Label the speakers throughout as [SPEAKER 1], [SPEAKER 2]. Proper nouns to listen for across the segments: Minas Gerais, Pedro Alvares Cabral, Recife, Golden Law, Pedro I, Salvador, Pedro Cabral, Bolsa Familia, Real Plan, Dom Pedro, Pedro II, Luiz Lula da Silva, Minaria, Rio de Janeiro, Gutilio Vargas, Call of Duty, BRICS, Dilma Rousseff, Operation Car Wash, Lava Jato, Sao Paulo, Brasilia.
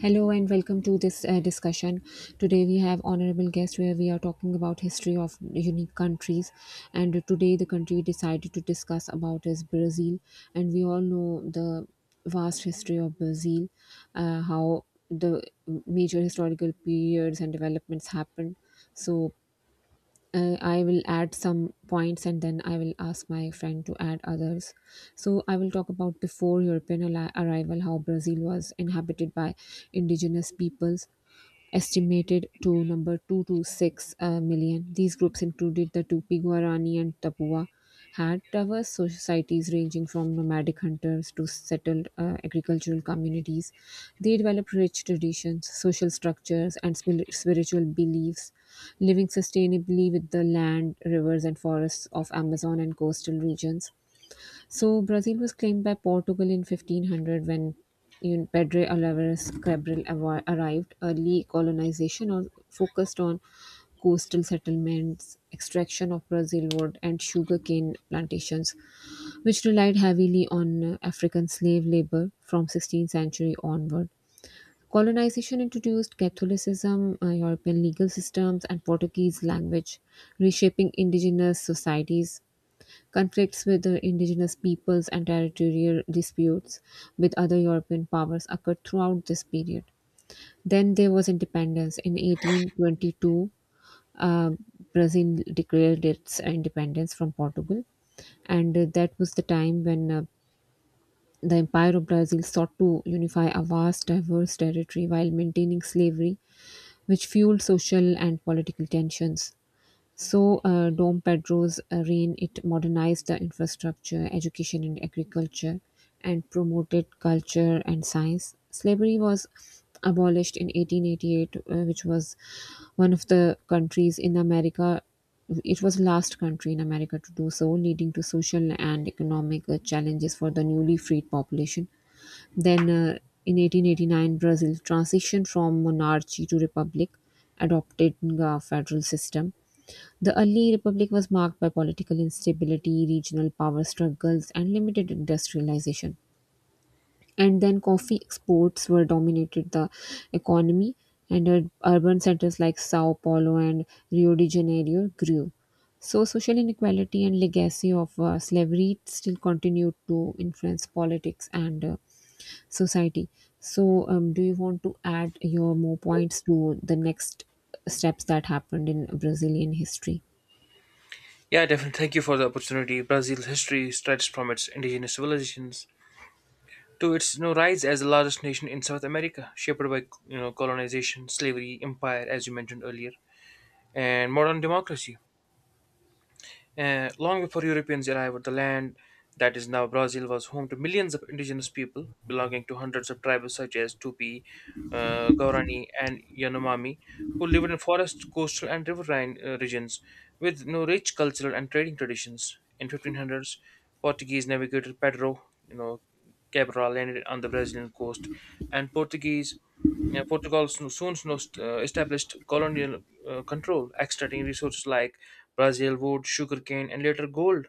[SPEAKER 1] Hello and welcome to this discussion. Today we have honorable guest where we are talking about history of unique countries, and today the country we decided to discuss about is Brazil, and we all know the vast history of Brazil, how the major historical periods and developments happened. So, I will add some points and then I will ask my friend to add others. So, I will talk about before European arrival how Brazil was inhabited by indigenous peoples, estimated to number 2 to 6 million. These groups included the Tupi Guarani and Tapua, had diverse societies ranging from nomadic hunters to settled agricultural communities. They developed rich traditions, social structures, and spiritual beliefs, living sustainably with the land, rivers, and forests of Amazon and coastal regions. So, Brazil was claimed by Portugal in 1500 when Pedro Alvares Cabral arrived. Early colonization focused on coastal settlements, extraction of Brazil wood, and sugarcane plantations, which relied heavily on African slave labor from 16th century onward. Colonization introduced Catholicism, European legal systems, and Portuguese language, reshaping indigenous societies. Conflicts with the indigenous peoples and territorial disputes with other European powers occurred throughout this period. Then there was independence. In 1822, uh, Brazil declared its independence from Portugal, and that was the time when the empire of brazil sought to unify a vast diverse territory while maintaining slavery, which fueled social and political tensions. So, Dom Pedro's reign, it modernized the infrastructure, education, and agriculture, and promoted culture and science. Slavery was abolished in 1888, which was one of the countries in America. It was last country in America to do so, leading to social and economic challenges for the newly freed population. Then, in 1889, Brazil transitioned from monarchy to republic, adopting a federal system. The early republic was marked by political instability, regional power struggles, and limited industrialization. And then coffee exports were dominated the economy, and urban centers like Sao Paulo and Rio de Janeiro grew. So, social inequality and legacy of slavery still continued to influence politics and society. So, do you want to add your more points to the next steps that happened in Brazilian history?
[SPEAKER 2] Yeah, definitely. Thank you for the opportunity. Brazil's history stretches from its indigenous civilizations to its rise as the largest nation in South America, shaped by colonization, slavery, empire, as you mentioned earlier, and modern democracy. Long before Europeans arrived, the land that is now Brazil was home to millions of indigenous people belonging to hundreds of tribes such as Tupi, Guarani, and Yanomami, who lived in forest, coastal, and riverine regions with rich cultural and trading traditions. In 1500s, Portuguese navigator Pedro, you know, Cabral landed on the Brazilian coast, and Portuguese Portugal soon, established colonial control, extracting resources like Brazil wood, sugarcane, and later gold.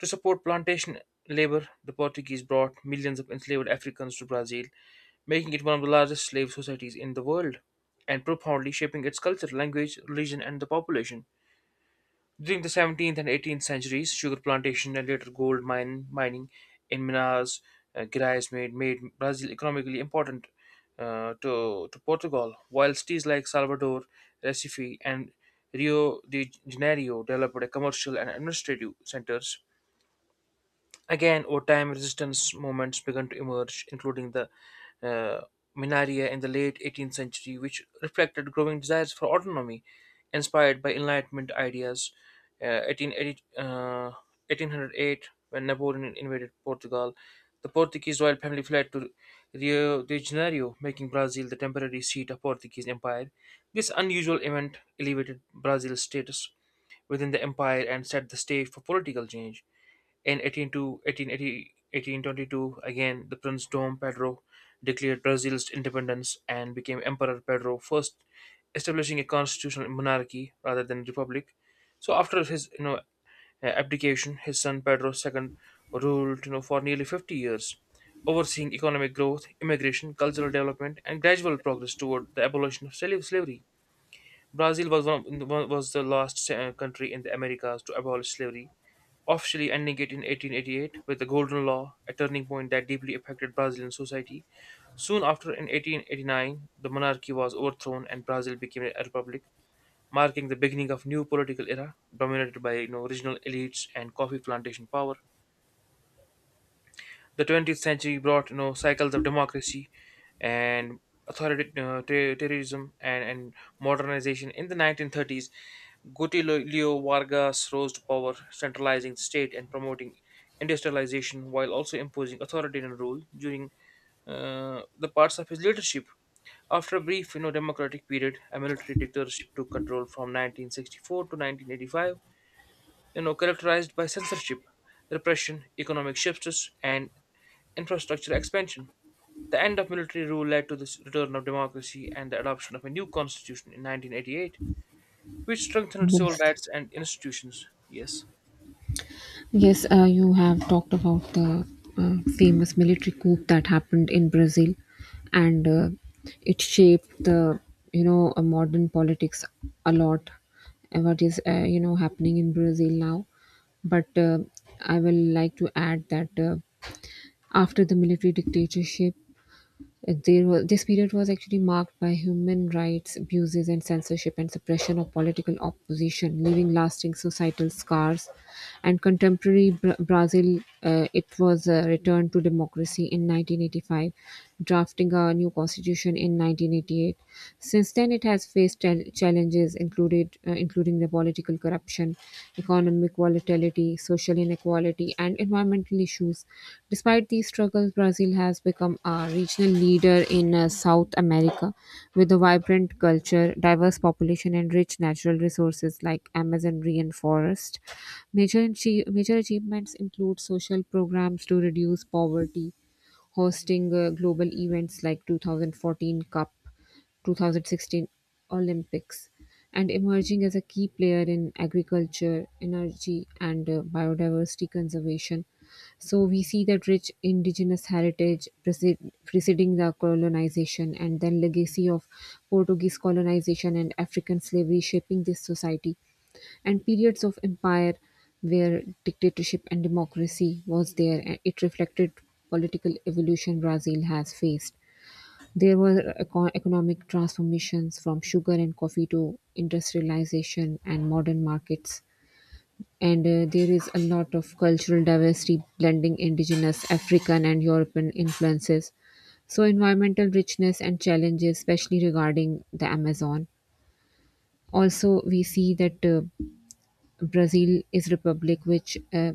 [SPEAKER 2] To support plantation labor, the Portuguese brought millions of enslaved Africans to Brazil, making it one of the largest slave societies in the world and profoundly shaping its culture, language, religion, and the population. During the 17th and 18th centuries, sugar plantation and later gold mine mining in Minas Gerais made Brazil economically important to Portugal, while cities like Salvador, Recife, and Rio de Janeiro developed commercial and administrative centers. Again, over time, resistance movements began to emerge, including the uh, Minaria in the late 18th century, which reflected growing desires for autonomy inspired by Enlightenment ideas. Uh, 1880, uh, 1808, when Napoleon invaded Portugal, the Portuguese royal family fled to Rio de Janeiro, making Brazil the temporary seat of Portuguese empire. This unusual event elevated Brazil's status within the empire and set the stage for political change. In 1822, again, the Prince Dom Pedro declared Brazil's independence and became Emperor Pedro I, establishing a constitutional monarchy rather than republic. So after his abdication, his son Pedro II ruled for nearly 50 years, overseeing economic growth, immigration, cultural development, and gradual progress toward the abolition of slavery. Brazil was the last country in the Americas to abolish slavery, officially ending it in 1888 with the Golden Law, a turning point that deeply affected Brazilian society. Soon after, in 1889, the monarchy was overthrown and Brazil became a republic, marking the beginning of new political era dominated by regional elites and coffee plantation power. The 20th century brought cycles of democracy and authoritarianism and modernization. In the 1930s, Gutilio Vargas rose to power, centralizing the state and promoting industrialization while also imposing authoritarian rule during the parts of his leadership. After a brief democratic period, a military dictatorship took control from 1964 to 1985, characterized by censorship, repression, economic shifts, and infrastructure expansion. The end of military rule led to the return of democracy and the adoption of a new constitution in 1988, which strengthened civil
[SPEAKER 1] Yes,
[SPEAKER 2] rights and institutions. Yes.
[SPEAKER 1] yes. You have talked about the famous military coup that happened in Brazil, and it shaped the modern politics a lot. What is happening in Brazil now? But I will like to add that after the military dictatorship, this period was actually marked by human rights abuses and censorship and suppression of political opposition, leaving lasting societal scars. And contemporary Brazil, it was a return to democracy in 1985, drafting a new constitution in 1988. Since then, it has faced challenges, included including the political corruption, economic volatility, social inequality, and environmental issues. Despite these struggles, Brazil has become a regional leader in South America, with a vibrant culture, diverse population, and rich natural resources like Amazon rain forest. Major achievements include social programs to reduce poverty, hosting global events like 2014 Cup, 2016 Olympics, and emerging as a key player in agriculture, energy, and biodiversity conservation. So we see that rich indigenous heritage preceding the colonization, and then legacy of Portuguese colonization and African slavery shaping this society, and periods of empire where dictatorship and democracy was there, and it reflected political evolution brazil has faced. There were economic transformations from sugar and coffee to industrialization and modern markets, and there is a lot of cultural diversity blending indigenous african and european influences. So environmental richness and challenges especially regarding the amazon. Also we see that Brazil is republic which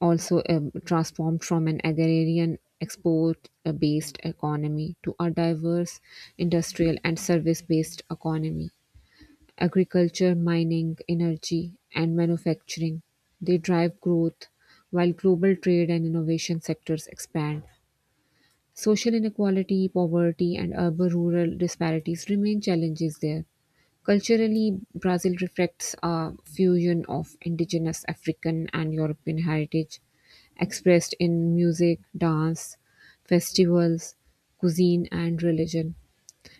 [SPEAKER 1] also transformed from an agrarian export based economy to a diverse industrial and service based economy. Agriculture mining energy and manufacturing, they drive growth, while global trade and innovation sectors expand. Social inequality poverty and urban rural disparities remain challenges there. Culturally, Brazil reflects a fusion of indigenous African and European heritage, expressed in music, dance, festivals, cuisine, and religion.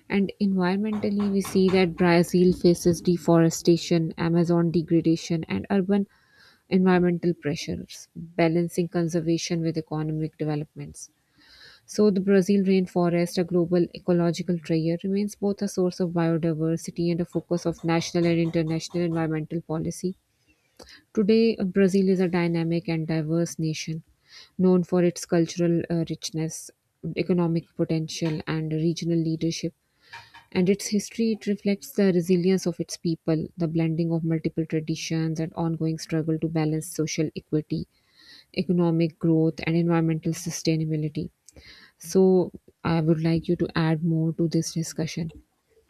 [SPEAKER 1] And environmentally, we see that Brazil faces deforestation, Amazon degradation, and urban environmental pressures, balancing conservation with economic developments. So, the Brazil rainforest, a global ecological treasure, remains both a source of biodiversity and a focus of national and international environmental policy. Today, Brazil is a dynamic and diverse nation, known for its cultural richness, economic potential, and regional leadership. And its history, it reflects the resilience of its people, the blending of multiple traditions, and ongoing struggle to balance social equity, economic growth, and environmental sustainability. So, I would like you to add more to this discussion.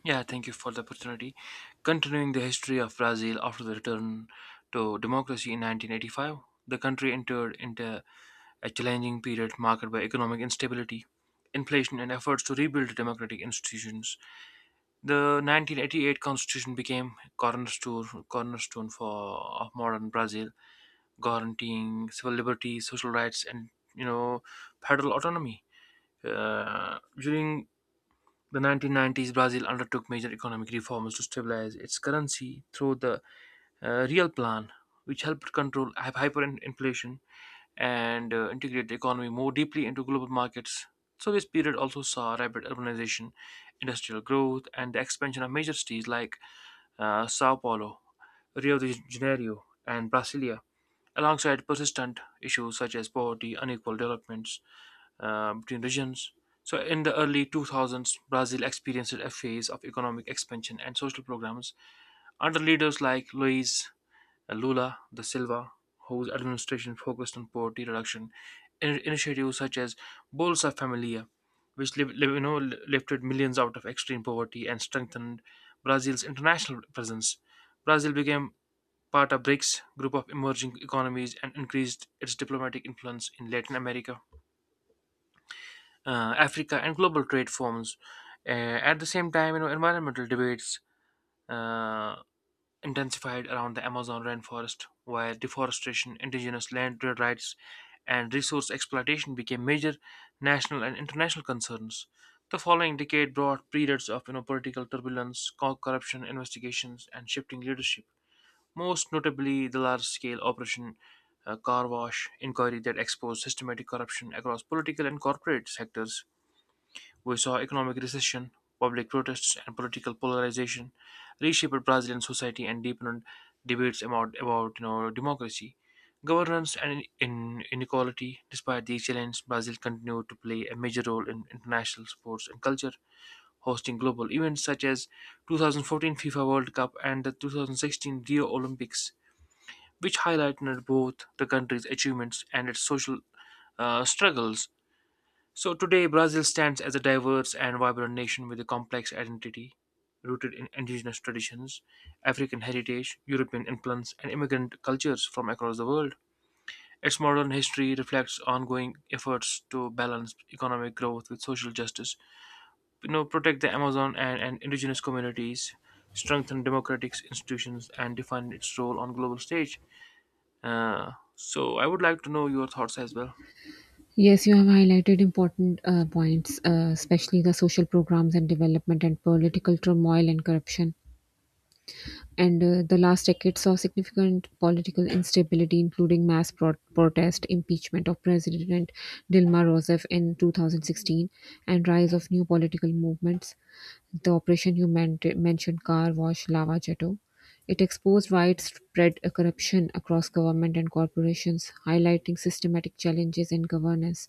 [SPEAKER 2] Yeah, thank you for the opportunity. Continuing the history of Brazil after the return to democracy in 1985, the country entered into a challenging period marked by economic instability, inflation, and efforts to rebuild democratic institutions. The 1988 constitution became cornerstone, cornerstone for of modern Brazil, guaranteeing civil liberties, social rights, and you know federal autonomy. During the 1990s, Brazil undertook major economic reforms to stabilize its currency through the Real Plan, which helped control hyperinflation and integrate the economy more deeply into global markets. So, this period also saw rapid urbanization, industrial growth, and the expansion of major cities like Sao Paulo, Rio de Janeiro, and Brasilia, alongside persistent issues such as poverty, unequal developments between regions. So, in the early 2000s, Brazil experienced a phase of economic expansion and social programs under leaders like Luiz Lula da Silva, whose administration focused on poverty reduction, initiatives such as Bolsa Familia, which lifted millions out of extreme poverty and strengthened Brazil's international presence. Brazil became part of BRICS group of emerging economies and increased its diplomatic influence in Latin America, Africa, and global trade forms. Uh, at the same time, environmental debates uh, intensified around the Amazon rainforest, where deforestation, indigenous land rights, and resource exploitation became major national and international concerns. The following decade brought periods of political turbulence, corruption investigations, and shifting leadership, most notably the large scale Operation Car Wash inquiry that exposed systematic corruption across political and corporate sectors. We saw economic recession, public protests, and political polarization reshaped Brazilian society and deepened debates about democracy, governance, and in inequality. Despite these challenges, Brazil continued to play a major role in international sports and culture, hosting global events such as 2014 FIFA World Cup and the 2016 Rio Olympics, which highlighted both the country's achievements and its social struggles. So today, Brazil stands as a diverse and vibrant nation with a complex identity rooted in indigenous traditions, African heritage, European influence, and immigrant cultures from across the world. Its modern history reflects ongoing efforts to balance economic growth with social justice, protect the Amazon and indigenous communities, strengthen democratic institutions, and define its role on global stage. So I would like to know your thoughts as well.
[SPEAKER 1] Yes, you have highlighted important points, especially the social programs and development and political turmoil and corruption. And the last decade saw significant political instability, including mass protest, impeachment of President Dilma Rousseff in 2016, and rise of new political movements. The operation you mentioned, car wash lava Jato, it exposed widespread corruption across government and corporations, highlighting systematic challenges in governance.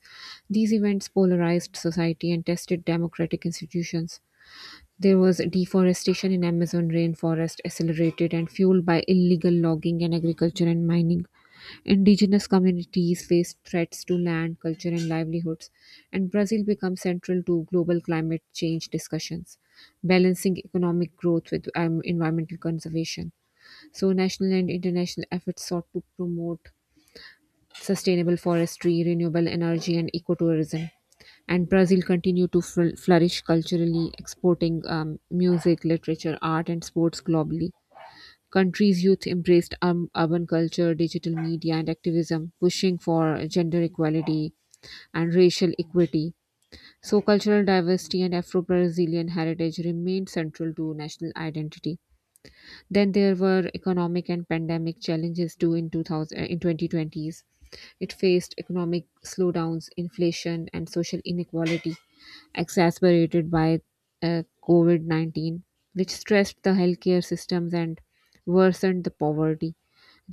[SPEAKER 1] These events polarized society and tested democratic institutions. There was deforestation in Amazon rainforest, accelerated and fueled by illegal logging and agriculture and mining. Indigenous communities face threats to land, culture, and livelihoods, and Brazil becomes central to global climate change discussions, balancing economic growth with environmental conservation. So, national and international efforts sought to promote sustainable forestry, renewable energy, and ecotourism. And Brazil continued to flourish culturally, exporting music, literature, art, and sports globally. Countries' youth embraced urban culture, digital media, and activism, pushing for gender equality and racial equity. So, cultural diversity and Afro Brazilian heritage remained central to national identity. Then there were economic and pandemic challenges too in 2020s. It faced economic slowdowns, inflation, and social inequality, exacerbated by COVID 19, which stressed the healthcare systems and worsened the poverty.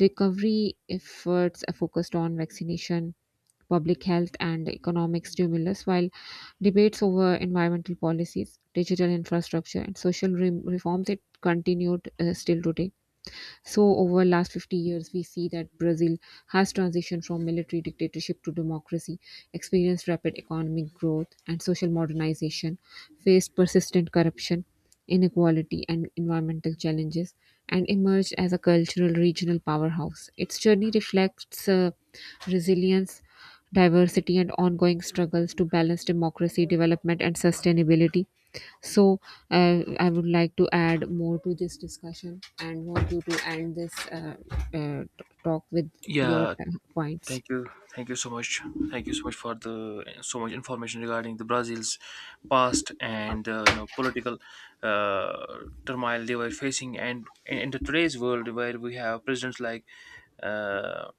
[SPEAKER 1] Recovery efforts are focused on vaccination, public health, and economic stimulus, while debates over environmental policies, digital infrastructure, and social reforms it continued still today. So over last 50 years, we see that Brazil has transitioned from military dictatorship to democracy, experienced rapid economic growth and social modernization, faced persistent corruption, inequality and environmental challenges, and emerged as a cultural regional powerhouse. Its journey reflects resilience, diversity, and ongoing struggles to balance democracy, development, and sustainability. So, I would like to add more to this discussion and want you to end this talk with your
[SPEAKER 2] Yeah,
[SPEAKER 1] points.
[SPEAKER 2] thank you. Thank you so much. Thank you so much for the so much information regarding the Brazil's past and political uh, turmoil they were facing, and in the today's world where we have presidents like uh,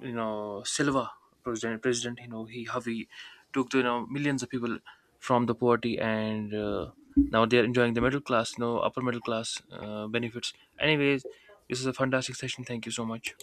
[SPEAKER 2] Silva, president president you know he how he took millions of people from the poverty and now they are enjoying the middle class, upper middle class benefits. Anyways, this is a fantastic session, thank you so much.